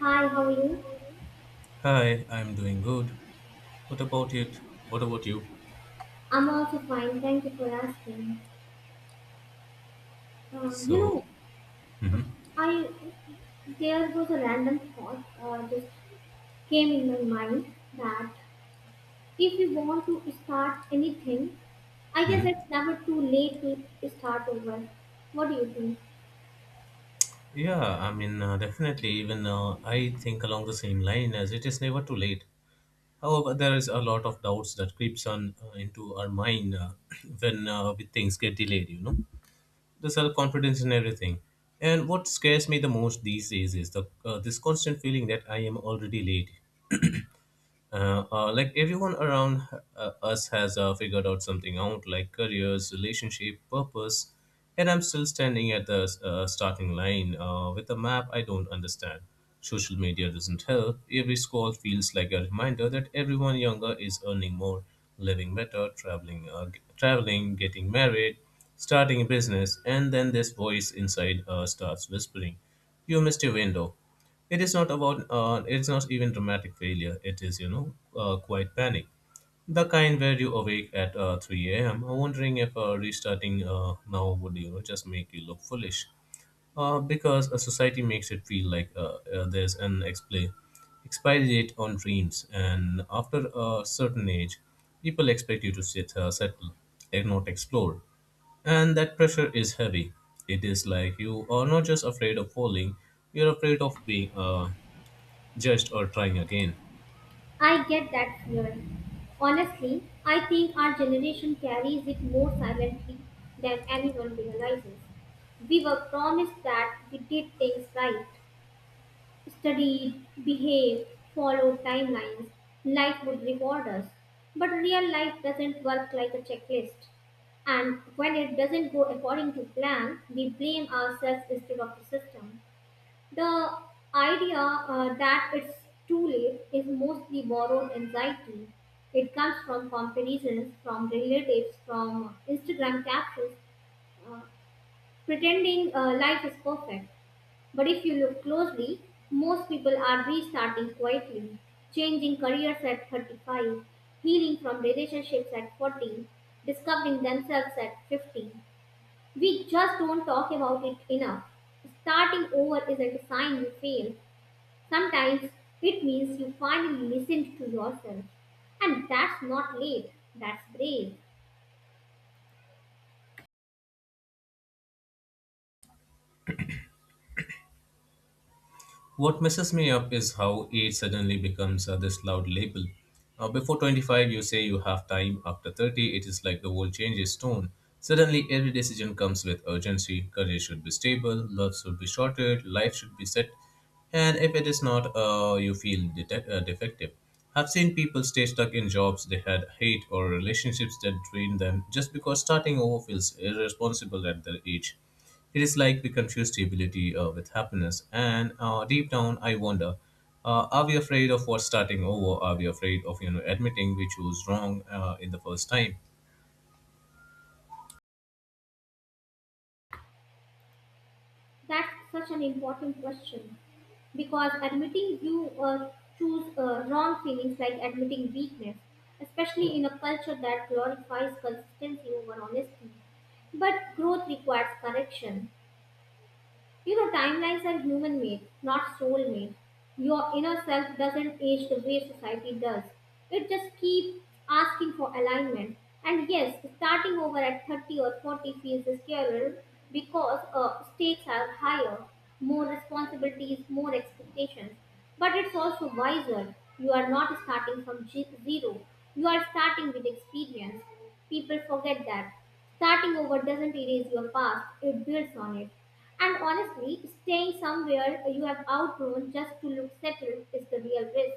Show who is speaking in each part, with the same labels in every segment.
Speaker 1: Hi, how are you?
Speaker 2: Hi, I'm doing good. What about it? What about you?
Speaker 1: I'm also fine. Thank you for asking. You
Speaker 2: So,
Speaker 1: know,
Speaker 2: mhm,
Speaker 1: I there was a random thought just came in my mind that if we want to start anything, I guess
Speaker 2: mhm.
Speaker 1: it's never too late to start over. What do you think?
Speaker 2: Yeah, I mean, definitely, even I think along the same line as it is never too late. However, there is a lot of doubts that creeps on into our mind when with things get delayed, you know, the self-confidence and everything. And what scares me the most these days is the this constant feeling that I am already late like everyone around us has figured out something out, like careers, relationship, purpose, and I'm still standing at the starting line with a map I don't understand. Social media doesn't help. Every scroll feels like a reminder that everyone younger is earning more, living better, traveling traveling, getting married, starting a business. And then this voice inside starts whispering, you missed your window. It is not about, it's not even dramatic failure. It is, quite panic. The kind where you awake at 3 a.m. wondering if restarting now would, you know, just make you look foolish. Because a society makes it feel like there's an expla expiry date on dreams, and after a certain age, people expect you to settle and not explore. And that pressure is heavy. It is like you are not just afraid of falling, you're afraid of being judged or trying again.
Speaker 1: I get that fear. Honestly, I think our generation carries it more silently than anyone realizes. We were promised that we did things right, studied, behaved, followed timelines, life would reward us. But real life doesn't work like a checklist. And when it doesn't go according to plan, we blame ourselves instead of the system. The idea that it's too late is mostly borrowed anxiety. It comes from comparisons, from relatives, from Instagram captions, uh, pretending life is perfect. But if you look closely, most people are restarting quietly, changing careers at 35, healing from relationships at 40, discovering themselves at 50. We just don't talk about it enough. Starting over isn't a sign you failed. Sometimes it means you finally listened to yourself. And that's not late, that's brave.
Speaker 2: What messes me up is how age suddenly becomes this loud label. Before 25, you say you have time. After 30, it is like the world changes tone. Suddenly, every decision comes with urgency. Career should be stable, love should be shorter, life should be set. And if it is not, you feel defective. I've seen people stay stuck in jobs they had hate or relationships that drain them just because starting over feels irresponsible at their age. It is like we confuse stability with happiness. And deep down, I wonder are we afraid of what starting over? Are we afraid of, you know, admitting we chose wrong in the first time?
Speaker 1: That's such an important question because admitting you choose wrong feelings like admitting weakness, especially in a culture that glorifies consistency over honesty. But growth requires correction. You know, timelines are human made, not soul made. Your inner self doesn't age the way society does. It just keeps asking for alignment. And yes, starting over at 30 or 40 feels scarier because stakes are higher, more responsibilities, more expectations. But it's also wiser. You are not starting from zero, you are starting with experience. People forget that. Starting over doesn't erase your past, it builds on it. And honestly, staying somewhere you have outgrown just to look settled is the real risk.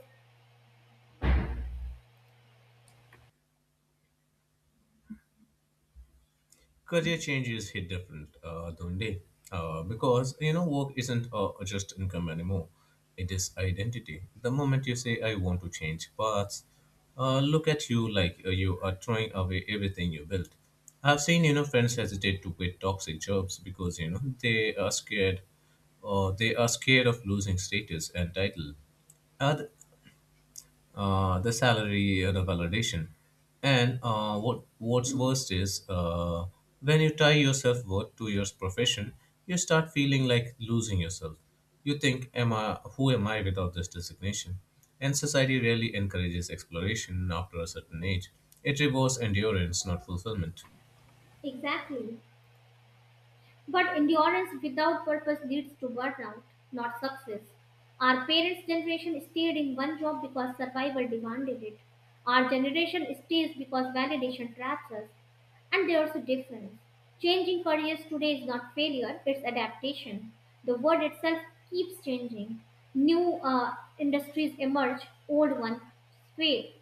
Speaker 2: Career change is hit different, Dhonde, because, you know, work isn't just income anymore. It is identity. The moment you say I want to change paths, look at you like you are throwing away everything you built. I've seen, you know, friends hesitate to quit toxic jobs because, you know, they are scared, or they are scared of losing status and title. Oth- the salary, the validation, and what's worst is when you tie yourself worth to your profession, you start feeling like losing yourself. You think, am I, who am I without this designation? And society rarely encourages exploration after a certain age. It rewards endurance, not fulfillment.
Speaker 1: Exactly. But endurance without purpose leads to burnout, not success. Our parents' generation stayed in one job because survival demanded it. Our generation stays because validation traps us. And there's a difference. Changing careers today is not failure, it's adaptation. The word itself keeps changing. New industries emerge, old ones fade.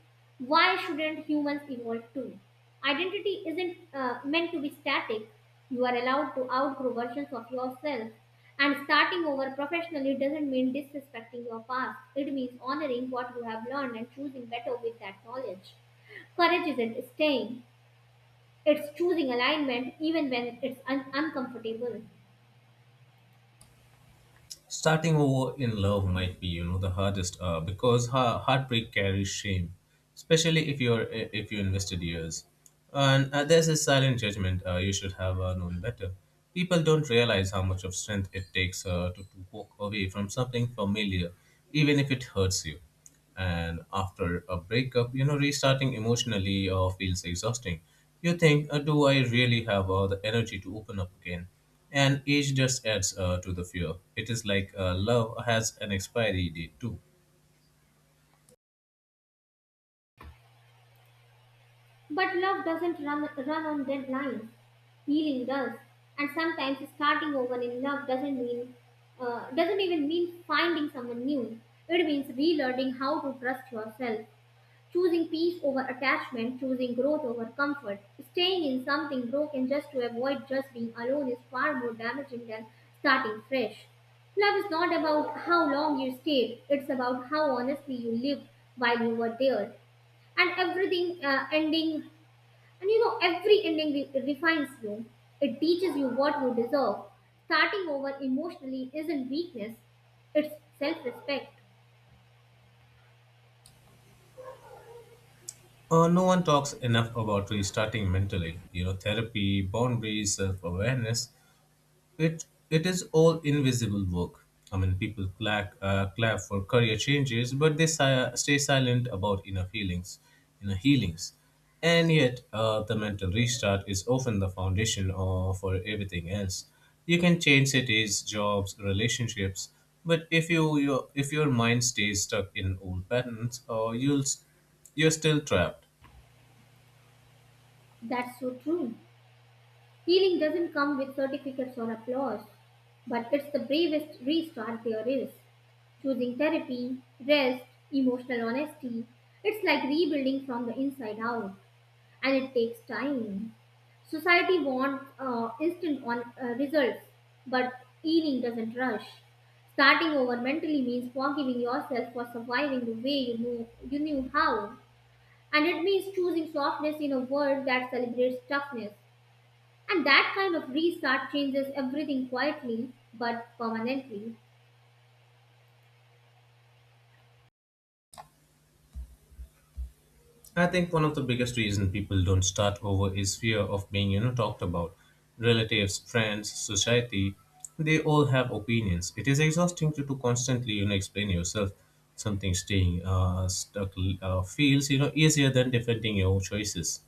Speaker 1: Why shouldn't humans evolve too? Identity isn't meant to be static. You are allowed to outgrow versions of yourself. And starting over professionally doesn't mean disrespecting your past. It means honoring what you have learned and choosing better with that knowledge. Courage isn't staying, it's choosing alignment even when it's uncomfortable.
Speaker 2: Starting over in love might be, you know, the hardest because heartbreak carries shame, especially if if you invested years, and there's a silent judgment, you should have known better. People don't realize how much of strength it takes to walk away from something familiar, even if it hurts you. And after a breakup, you know, restarting emotionally feels exhausting. You think, do I really have the energy to open up again? And age just adds to the fear. It is like love has an expiry date too.
Speaker 1: But love doesn't run on deadlines. Healing does. And sometimes starting over in love doesn't even mean finding someone new. It means relearning how to trust yourself. Choosing peace over attachment, choosing growth over comfort, staying in something broken just to avoid just being alone is far more damaging than starting fresh. Love is not about how long you stayed, it's about how honestly you lived while you were there. And everything ending, and every refines you. It teaches you what you deserve. Starting over emotionally isn't weakness, it's self respect.
Speaker 2: No one talks enough about restarting mentally, you know, therapy, boundaries, self-awareness. It is all invisible work. I mean, people clap clap for career changes, but they stay silent about inner feelings, inner healings, and yet the mental restart is often the foundation for everything else. You can change cities, jobs, relationships, but if you your if your mind stays stuck in old patterns, you're still trapped.
Speaker 1: That's so true. Healing doesn't come with certificates or applause, but it's the bravest restart there is. Choosing therapy, rest, emotional honesty, it's like rebuilding from the inside out, and it takes time. Society wants instant on results, but healing doesn't rush. Starting over mentally means forgiving yourself for surviving the way you knew how, and it means choosing softness in a world that celebrates toughness. And that kind of restart changes everything quietly but permanently.
Speaker 2: I think one of the biggest reasons people don't start over is fear of being, you know, talked about. Relatives, friends, society, they all have opinions. It is exhausting to constantly, you know, explain yourself. Something staying stuck feels, you know, easier than defending your choices.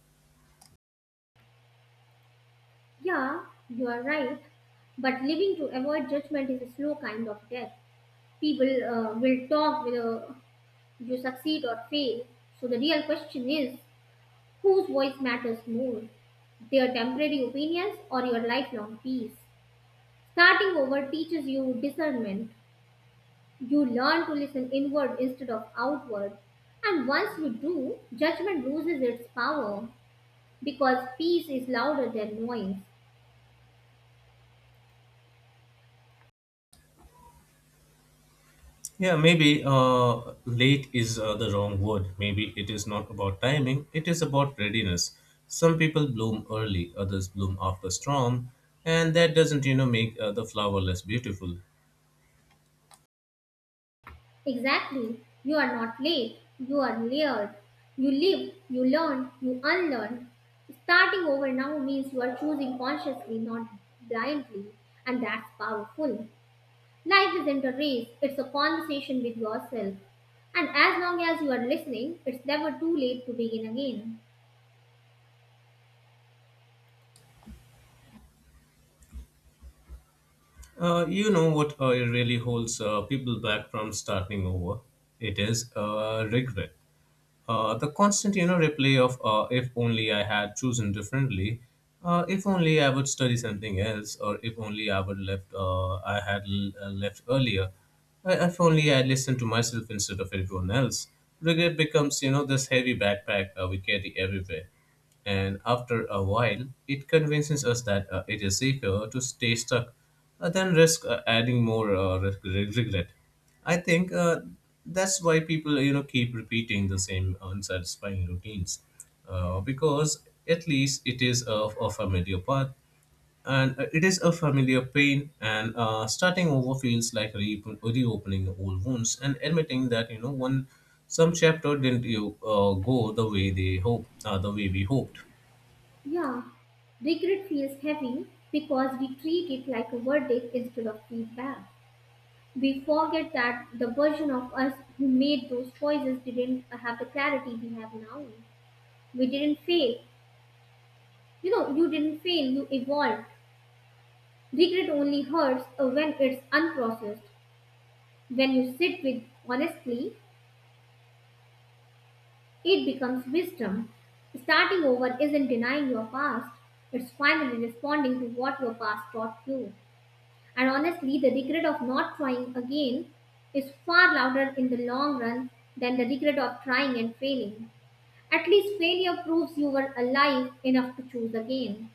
Speaker 1: Yeah, you are right. But living to avoid judgment is a slow kind of death. People will talk whether you succeed or fail. So the real question is whose voice matters more? Their temporary opinions or your lifelong peace? Starting over teaches you discernment. You learn to listen inward instead of outward. And once you do, judgment loses its power. Because peace is louder than noise.
Speaker 2: Yeah, maybe late is the wrong word. Maybe it is not about timing, it is about readiness. Some people bloom early, others bloom after storm, and that doesn't, you know, make the flower less beautiful.
Speaker 1: Exactly. You are not late. You are layered. You live, you learn, you unlearn. Starting over now means you are choosing consciously, not blindly, and that's powerful. Life isn't a race, it's a conversation with yourself. And as long as you are listening, it's never too late to begin again.
Speaker 2: You know what it really holds people back from starting over? It is regret. The constant, you know, replay of "if only I had chosen differently," "if only I would study something else," or "if only I would left, left earlier," "if only I listened to myself instead of everyone else." Regret becomes, you know, this heavy backpack we carry everywhere, and after a while, it convinces us that it is safer to stay stuck than risk adding more regret. I think that's why people, you know, keep repeating the same unsatisfying routines, because at least it is a familiar path, and it is a familiar pain. And starting over feels like reopening old wounds and admitting that, you know, one some chapter didn't you go the way they hope, the way we hoped.
Speaker 1: Yeah, regret feels heavy because we treat it like a verdict instead of feedback. We forget that the version of us who made those choices didn't have the clarity we have now. We didn't fail. You didn't fail, you evolved. Regret only hurts when it's unprocessed. When you sit with honestly, it becomes wisdom. Starting over isn't denying your past, it's finally responding to what your past taught you. And honestly, the regret of not trying again is far louder in the long run than the regret of trying and failing. At least failure proves you were alive enough to choose again.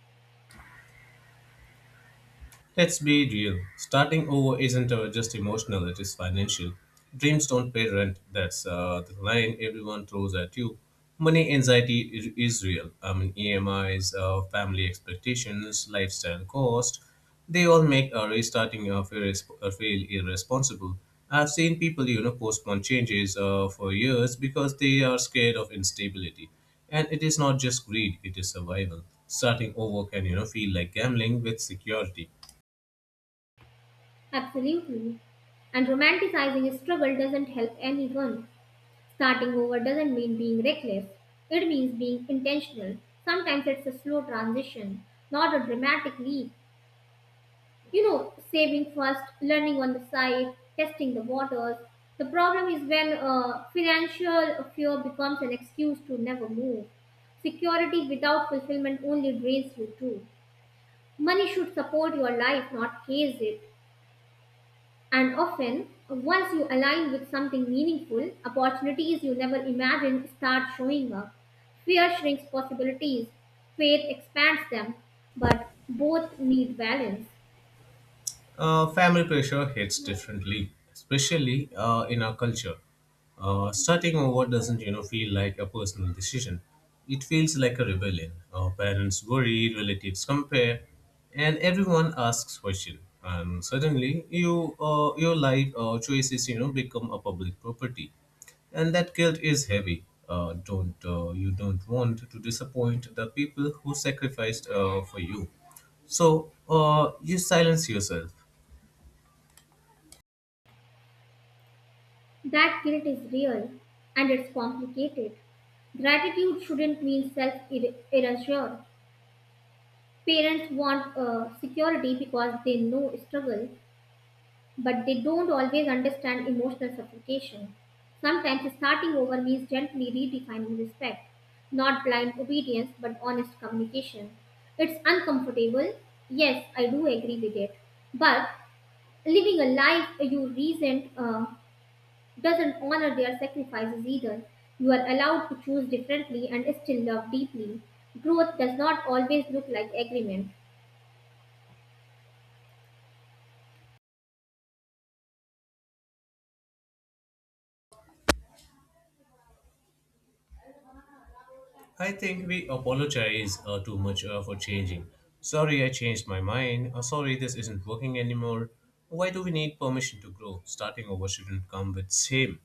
Speaker 2: Let's be real. Starting over isn't just emotional, it is financial. Dreams don't pay rent. That's the line everyone throws at you. Money anxiety is real. I mean, EMIs, family expectations, lifestyle cost, they all make restarting feel irresponsible. I've seen people, you know, postpone changes for years because they are scared of instability. And it is not just greed, it is survival. Starting over can, you know, feel like gambling with security.
Speaker 1: Absolutely. And romanticizing a struggle doesn't help anyone. Starting over doesn't mean being reckless, it means being intentional. Sometimes it's a slow transition, not a dramatic leap. Saving first, learning on the side, testing the waters. The problem is when financial fear becomes an excuse to never move. Security without fulfillment only drains you too. Money should support your life, not chase it. And often, once you align with something meaningful, opportunities you never imagined start showing up. Fear shrinks possibilities, faith expands them, but both need balance.
Speaker 2: Family pressure hits differently, especially in our culture. Starting over doesn't, you know, feel like a personal decision. It feels like a rebellion. Our parents worry, relatives compare, and everyone asks question. And suddenly, your life choices, you know, become a public property, and that guilt is heavy. Don't You don't want to disappoint the people who sacrificed for you. So you silence yourself.
Speaker 1: That guilt is real and it's complicated. Gratitude shouldn't mean self erasure. Parents want security because they know struggle, but they don't always understand emotional suffocation. Sometimes starting over means gently redefining respect, not blind obedience but honest communication. It's uncomfortable, yes, I do agree with it, but living a life you resent doesn't honor their sacrifices either. You are allowed to choose differently and still love deeply. Growth does not always look like agreement.
Speaker 2: I think we apologize too much for changing. Sorry, I changed my mind. Sorry, this isn't working anymore. Why do we need permission to grow? Starting over shouldn't come with shame.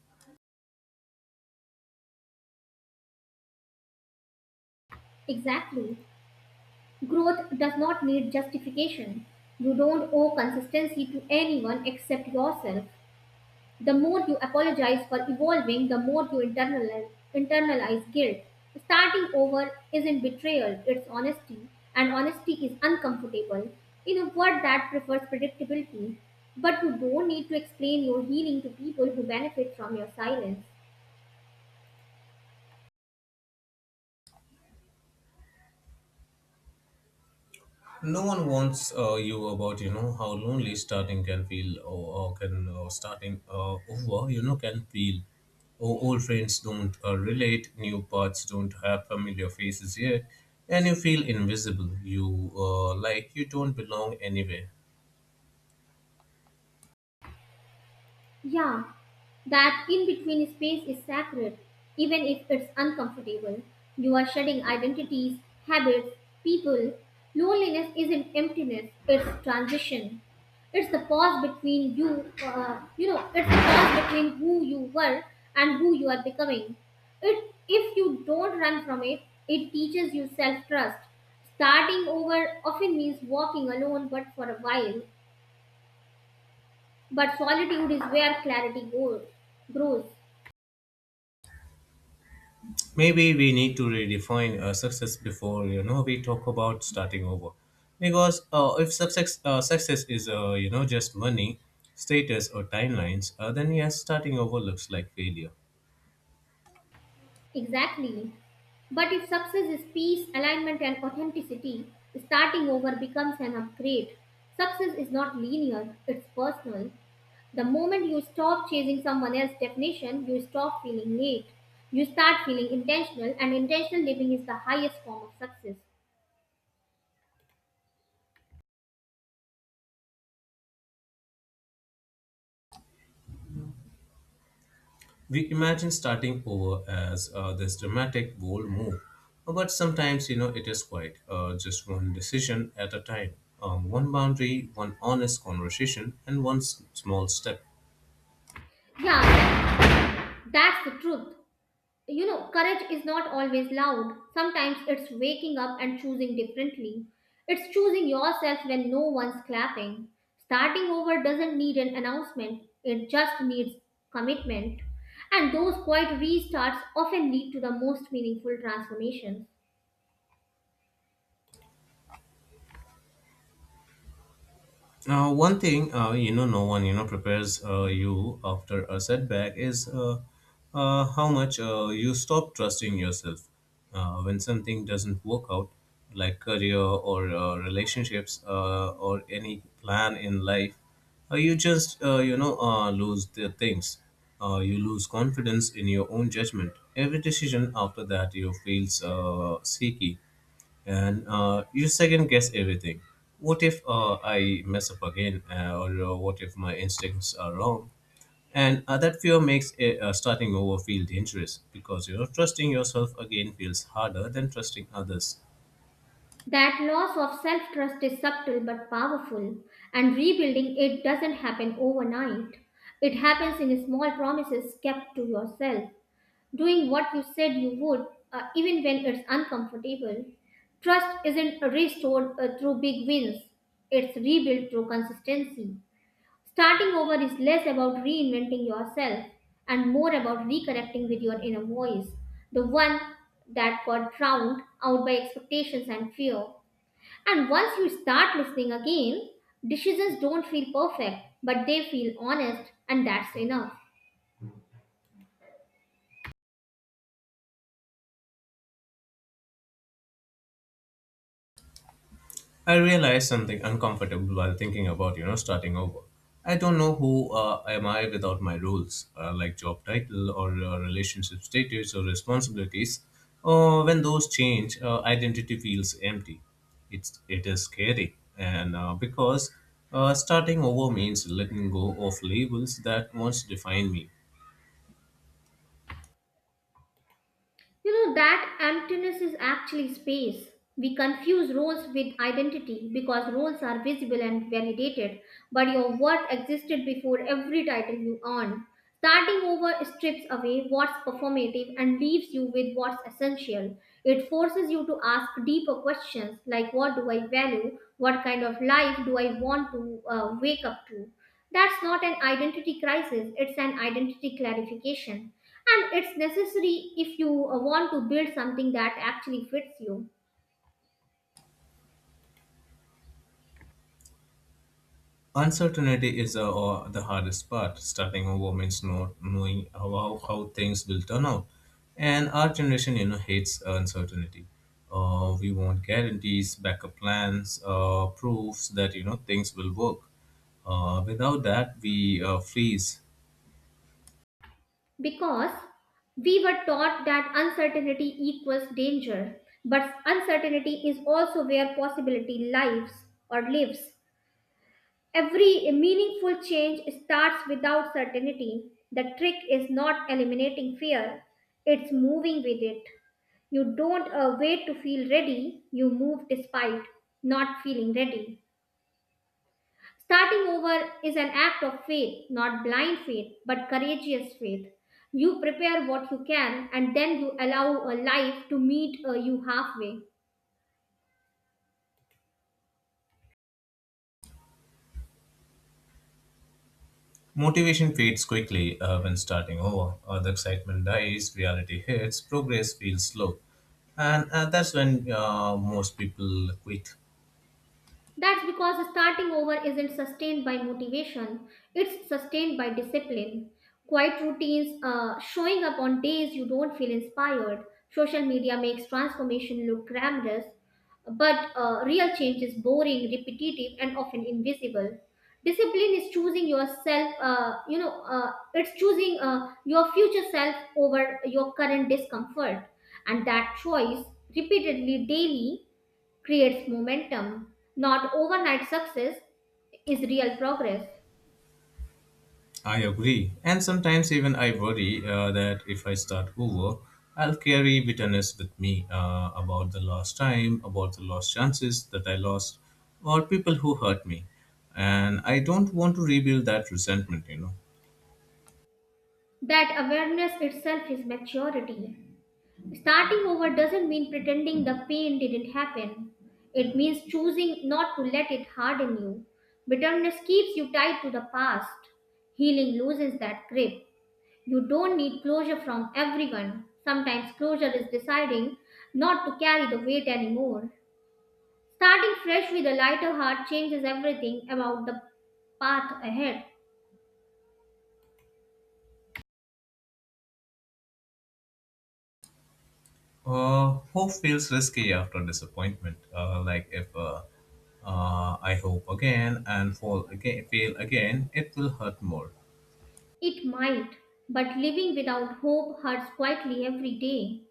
Speaker 1: Exactly. Growth does not need justification. You don't owe consistency to anyone except yourself. The more you apologize for evolving, the more you internalize guilt. Starting over isn't betrayal, it's honesty, and honesty is uncomfortable in a world that prefers predictability. But you don't need to explain your healing to people who benefit from your silence.
Speaker 2: No one wants you about, you know, how lonely starting can feel, or can starting over, you know, can feel. Oh, old friends don't relate, new paths don't have familiar faces yet, and you feel invisible. You Like you don't belong anywhere.
Speaker 1: Yeah, that in between space is sacred, even if it's uncomfortable. You are shedding identities, habits, people. Loneliness isn't emptiness, it's transition. It's the pause between you, you know, it's the pause between who you were and who you are becoming. It, if you don't run from it, it teaches you self trust. Starting over often means walking alone, but for a while. But solitude is where grows.
Speaker 2: Maybe we need to redefine success before, you know, we talk about starting over, because if success is, you know, just money, status or timelines, then yes, starting over looks like failure.
Speaker 1: Exactly. But if success is peace, alignment, and authenticity, starting over becomes an upgrade. Success is not linear, it's personal. The moment you stop chasing someone else's definition, you stop feeling late. You start feeling intentional, and intentional living is the highest form of success.
Speaker 2: We imagine starting over as this dramatic bold move, but sometimes, you know, it is quite just one decision at a time, one boundary, one honest conversation, and small step.
Speaker 1: Yeah, that's the truth. You know, courage is not always loud. Sometimes it's waking up and choosing differently. It's choosing yourself when no one's clapping. Starting over doesn't need an announcement, it just needs commitment. And those quiet restarts often lead to the most meaningful transformations.
Speaker 2: Now, one thing, you know, no one, you know, prepares you after a setback is how much you stop trusting yourself when something doesn't work out, like career or relationships or any plan in life. You just you know lose the things. You lose confidence in your own judgment. Every decision after that you feels shaky, and you second guess everything. What if I mess up again, or what if my instincts are wrong? And that fear makes starting over feel dangerous because, you know, trusting yourself again feels harder than trusting others.
Speaker 1: That loss of self trust is subtle but powerful, and rebuilding it doesn't happen overnight. It happens in small promises kept to yourself doing what you said you would, even when it's uncomfortable. Trust isn't restored through big wins, it's rebuilt through consistency. Starting over is less about reinventing yourself and more about reconnecting with your inner voice, the one that got drowned out by expectations and fear. And once you start listening again, decisions don't feel perfect, but they feel honest, and that's enough.
Speaker 2: I realized something uncomfortable while thinking about, you know, starting over. I don't know who am I without my roles, like job title or relationship status or responsibilities. When those change, identity feels empty. It is scary, and because starting over means letting go of labels that once defined me.
Speaker 1: You know, that emptiness is actually space. We confuse roles with identity because roles are visible and validated, but your worth existed before every title you earned. Starting over strips away what's performative and leaves you with what's essential. It forces you to ask deeper questions like what do I value? What kind of life do I want to wake up to? That's not an identity crisis, it's an identity clarification and it's necessary if you want to build something that actually fits you.
Speaker 2: Uncertainty is the hardest part. Starting over means not knowing how things will turn out. And our generation, you know, hates uncertainty. We want guarantees, backup plans, proofs that, you know, things will work. Without that, we freeze.
Speaker 1: Because we were taught that uncertainty equals danger but uncertainty is also where possibility lives or lives. Every meaningful change starts without certainty. The trick is not eliminating fear, it's moving with it. You don't wait to feel ready, you move despite not feeling ready. Starting over is an act of faith, not blind faith, but courageous faith. You prepare what you can and then you allow a life to meet you halfway.
Speaker 2: Motivation fades quickly when starting over. The excitement dies, reality hits, progress feels slow. And that's when most people quit.
Speaker 1: That's because starting over isn't sustained by motivation, it's sustained by discipline. Quiet routines, showing up on days you don't feel inspired. Social media makes transformation look glamorous, but real change is boring, repetitive, and often invisible. Discipline is choosing yourself, it's choosing your future self over your current discomfort. And that choice, repeatedly daily, creates momentum, not overnight success, is real progress.
Speaker 2: I agree. And sometimes even I worry that if I start over, I'll carry bitterness with me about the lost time, about the lost chances that I lost, or people who hurt me. And I don't want to rebuild that resentment, you know.
Speaker 1: That awareness itself is maturity. Starting over doesn't mean pretending the pain didn't happen. It means choosing not to let it harden you. Bitterness keeps you tied to the past. Healing loosens that grip. You don't need closure from everyone. Sometimes closure is deciding not to carry the weight anymore. Starting fresh with a lighter heart changes everything about the path ahead.
Speaker 2: Hope feels risky after disappointment. Like if I hope again and fall again, fail again, it will hurt more.
Speaker 1: It might, but living without hope hurts quietly every day.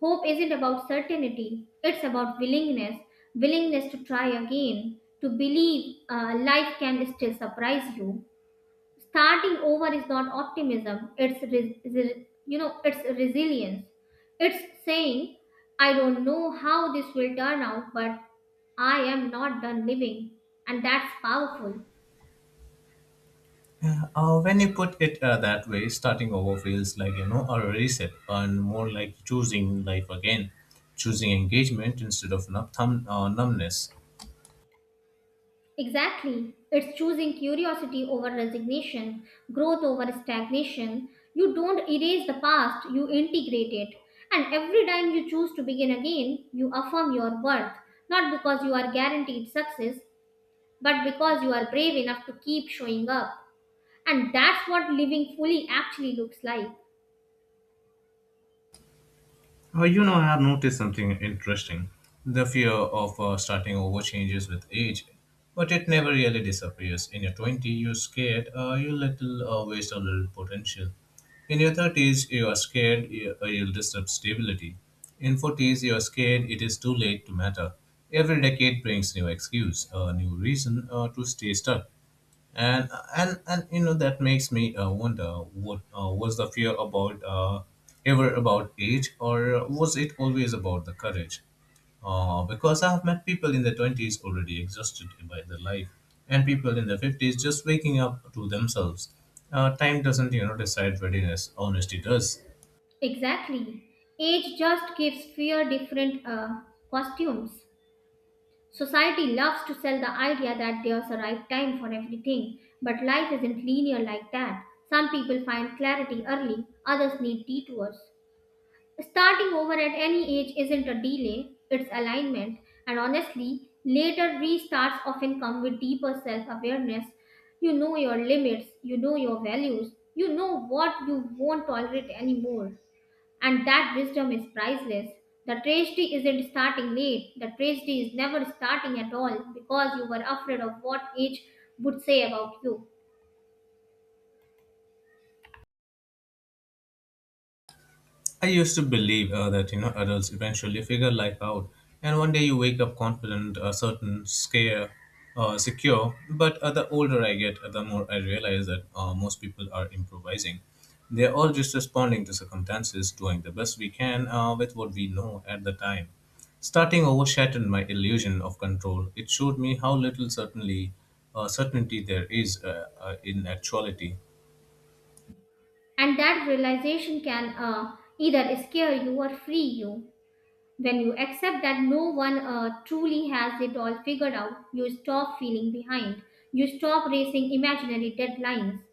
Speaker 1: Hope isn't about certainty, it's about willingness willingness to try again, to believe life can still surprise you. Starting over is not optimism, it's it's resilience. It's saying, I don't know how this will turn out, but I am not done living, and that's powerful.
Speaker 2: Yeah, when you put it that way, starting over feels like, you know, a reset, and more like choosing life again, choosing engagement instead of numbness.
Speaker 1: Exactly, it's choosing curiosity over resignation, growth over stagnation. You don't erase the past, you integrate it, and every time you choose to begin again, you affirm your worth, not because you are guaranteed success, but because you are brave enough to keep showing up. And that's what living fully actually looks like.
Speaker 2: You know, I have noticed something interesting. The fear of starting over changes with age, but it never really disappears. In your 20, you're scared, you little waste a little potential. In your 30s, you are scared you'll disturb stability. In 40s, you are scared it is too late to matter. Every decade brings new excuse, a new reason to stay stuck, and and you know that makes me wonder what, was the fear about ever about age or was it always about the courage, because I've met people in their 20s already exhausted by their life, and people in their 50s just waking up to themselves. Time doesn't, you know, decide readiness, honesty does.
Speaker 1: Exactly. Age just gives fear different costumes. Society loves to sell the idea that there's a right time for everything, but life isn't linear like that. Some people find clarity early, others need detours. Starting over at any age isn't a delay, it's alignment, and honestly, later restarts often come with deeper self awareness. You know your limits, you know your values, you know what you won't tolerate anymore. And that wisdom is priceless. The tragedy isn't starting late, the tragedy is never starting at all because you were afraid of what age would say about you.
Speaker 2: I used to believe that, you know, adults eventually figure life out, and one day you wake up confident, certain, secure. But the older I get, the more I realize that most people are improvising. They are all just responding to circumstances, doing the best we can with what we know at the time. Starting over shattered my illusion of control. It showed me how little certainly certainty there is in actuality.
Speaker 1: And that realization can either scare you or free you. When you accept that no one truly has it all figured out, you stop feeling behind. You stop racing imaginary deadlines.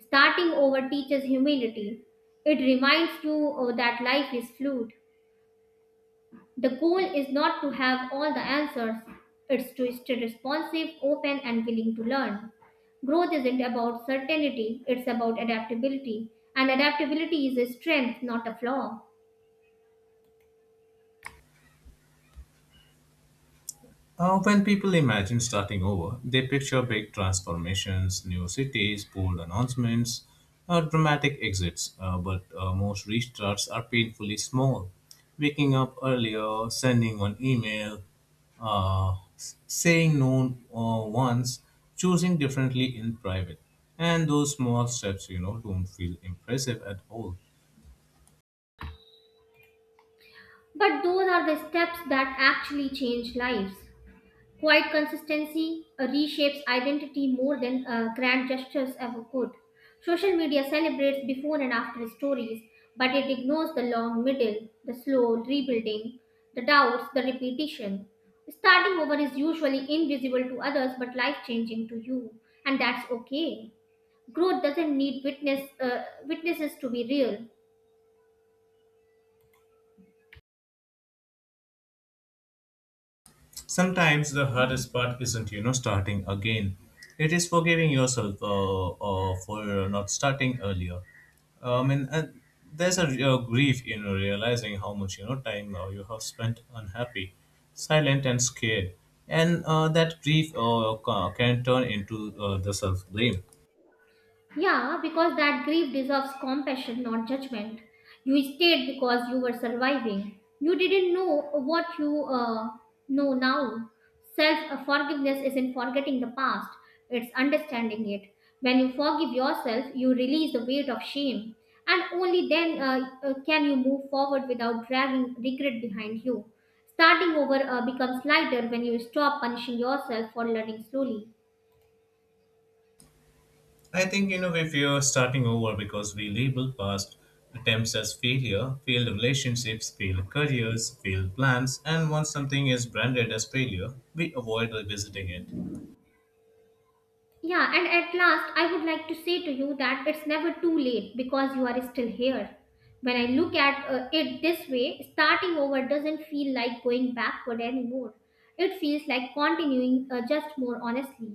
Speaker 1: Starting over teaches humility. It reminds you that life is fluid. The goal is not to have all the answers, it's to stay responsive, open, and willing to learn. Growth isn't about certainty, it's about adaptability. And adaptability is a strength, not a flaw.
Speaker 2: When people imagine starting over, they picture big transformations, new cities, bold announcements, dramatic exits. But most restarts are painfully small. Waking up earlier, sending one email, saying no once, choosing differently in private. And those small steps, you know, don't feel impressive at all.
Speaker 1: But those are the steps that actually change lives. Quiet consistency reshapes identity more than grand gestures ever could. Social media celebrates before and after stories, but it ignores the long middle, the slow rebuilding, the doubts, the repetition. Starting over is usually invisible to others but life changing to you, and that's okay. Growth doesn't need witnesses to be real.
Speaker 2: Sometimes the hardest part isn't, you know, starting again. It is forgiving yourself for not starting earlier. And There's a real grief in realizing how much, you know, time you have spent unhappy, silent, and scared. And that grief can turn into the self blame.
Speaker 1: Yeah, because that grief deserves compassion, not judgment. You stayed because you were surviving. You didn't know what you know now. Self forgiveness isn't forgetting the past, it's understanding it. When you forgive yourself, you release the weight of shame, and only then can you move forward without dragging regret behind you. Starting over becomes lighter when you stop punishing yourself for learning slowly.
Speaker 2: I think, you know, if you're starting over because we label past attempts as failure, failed relationships, failed careers, failed plans, and once something is branded as failure, we avoid revisiting it.
Speaker 1: Yeah, and at last, I would like to say to you that it's never too late because you are still here. When I look at it this way, starting over doesn't feel like going backward anymore. It feels like continuing, just more honestly.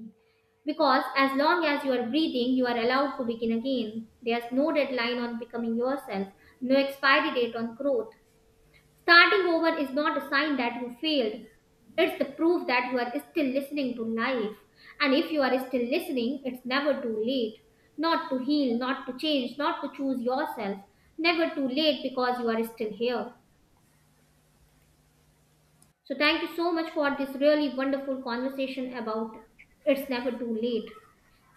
Speaker 1: Because as long as you are breathing, you are allowed to begin again. There's no deadline on becoming yourself, no expiry date on growth. Starting over is not a sign that you failed. It's the proof that you are still listening to life. And if you are still listening, it's never too late. Not to heal, not to change, not to choose yourself. Never too late because you are still here. So, thank you so much for this really wonderful conversation about it's never too late,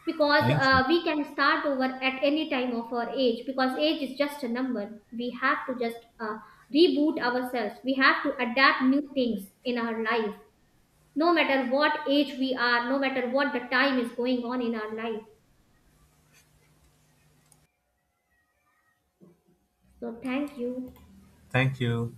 Speaker 1: because
Speaker 2: Thank you.
Speaker 1: we can start over at any time of our age, because age is just a number. We have to just reboot ourselves. We have to adapt new things in our life, no matter what age we are, no matter what the time is going on in our life. So thank you.
Speaker 2: Thank you.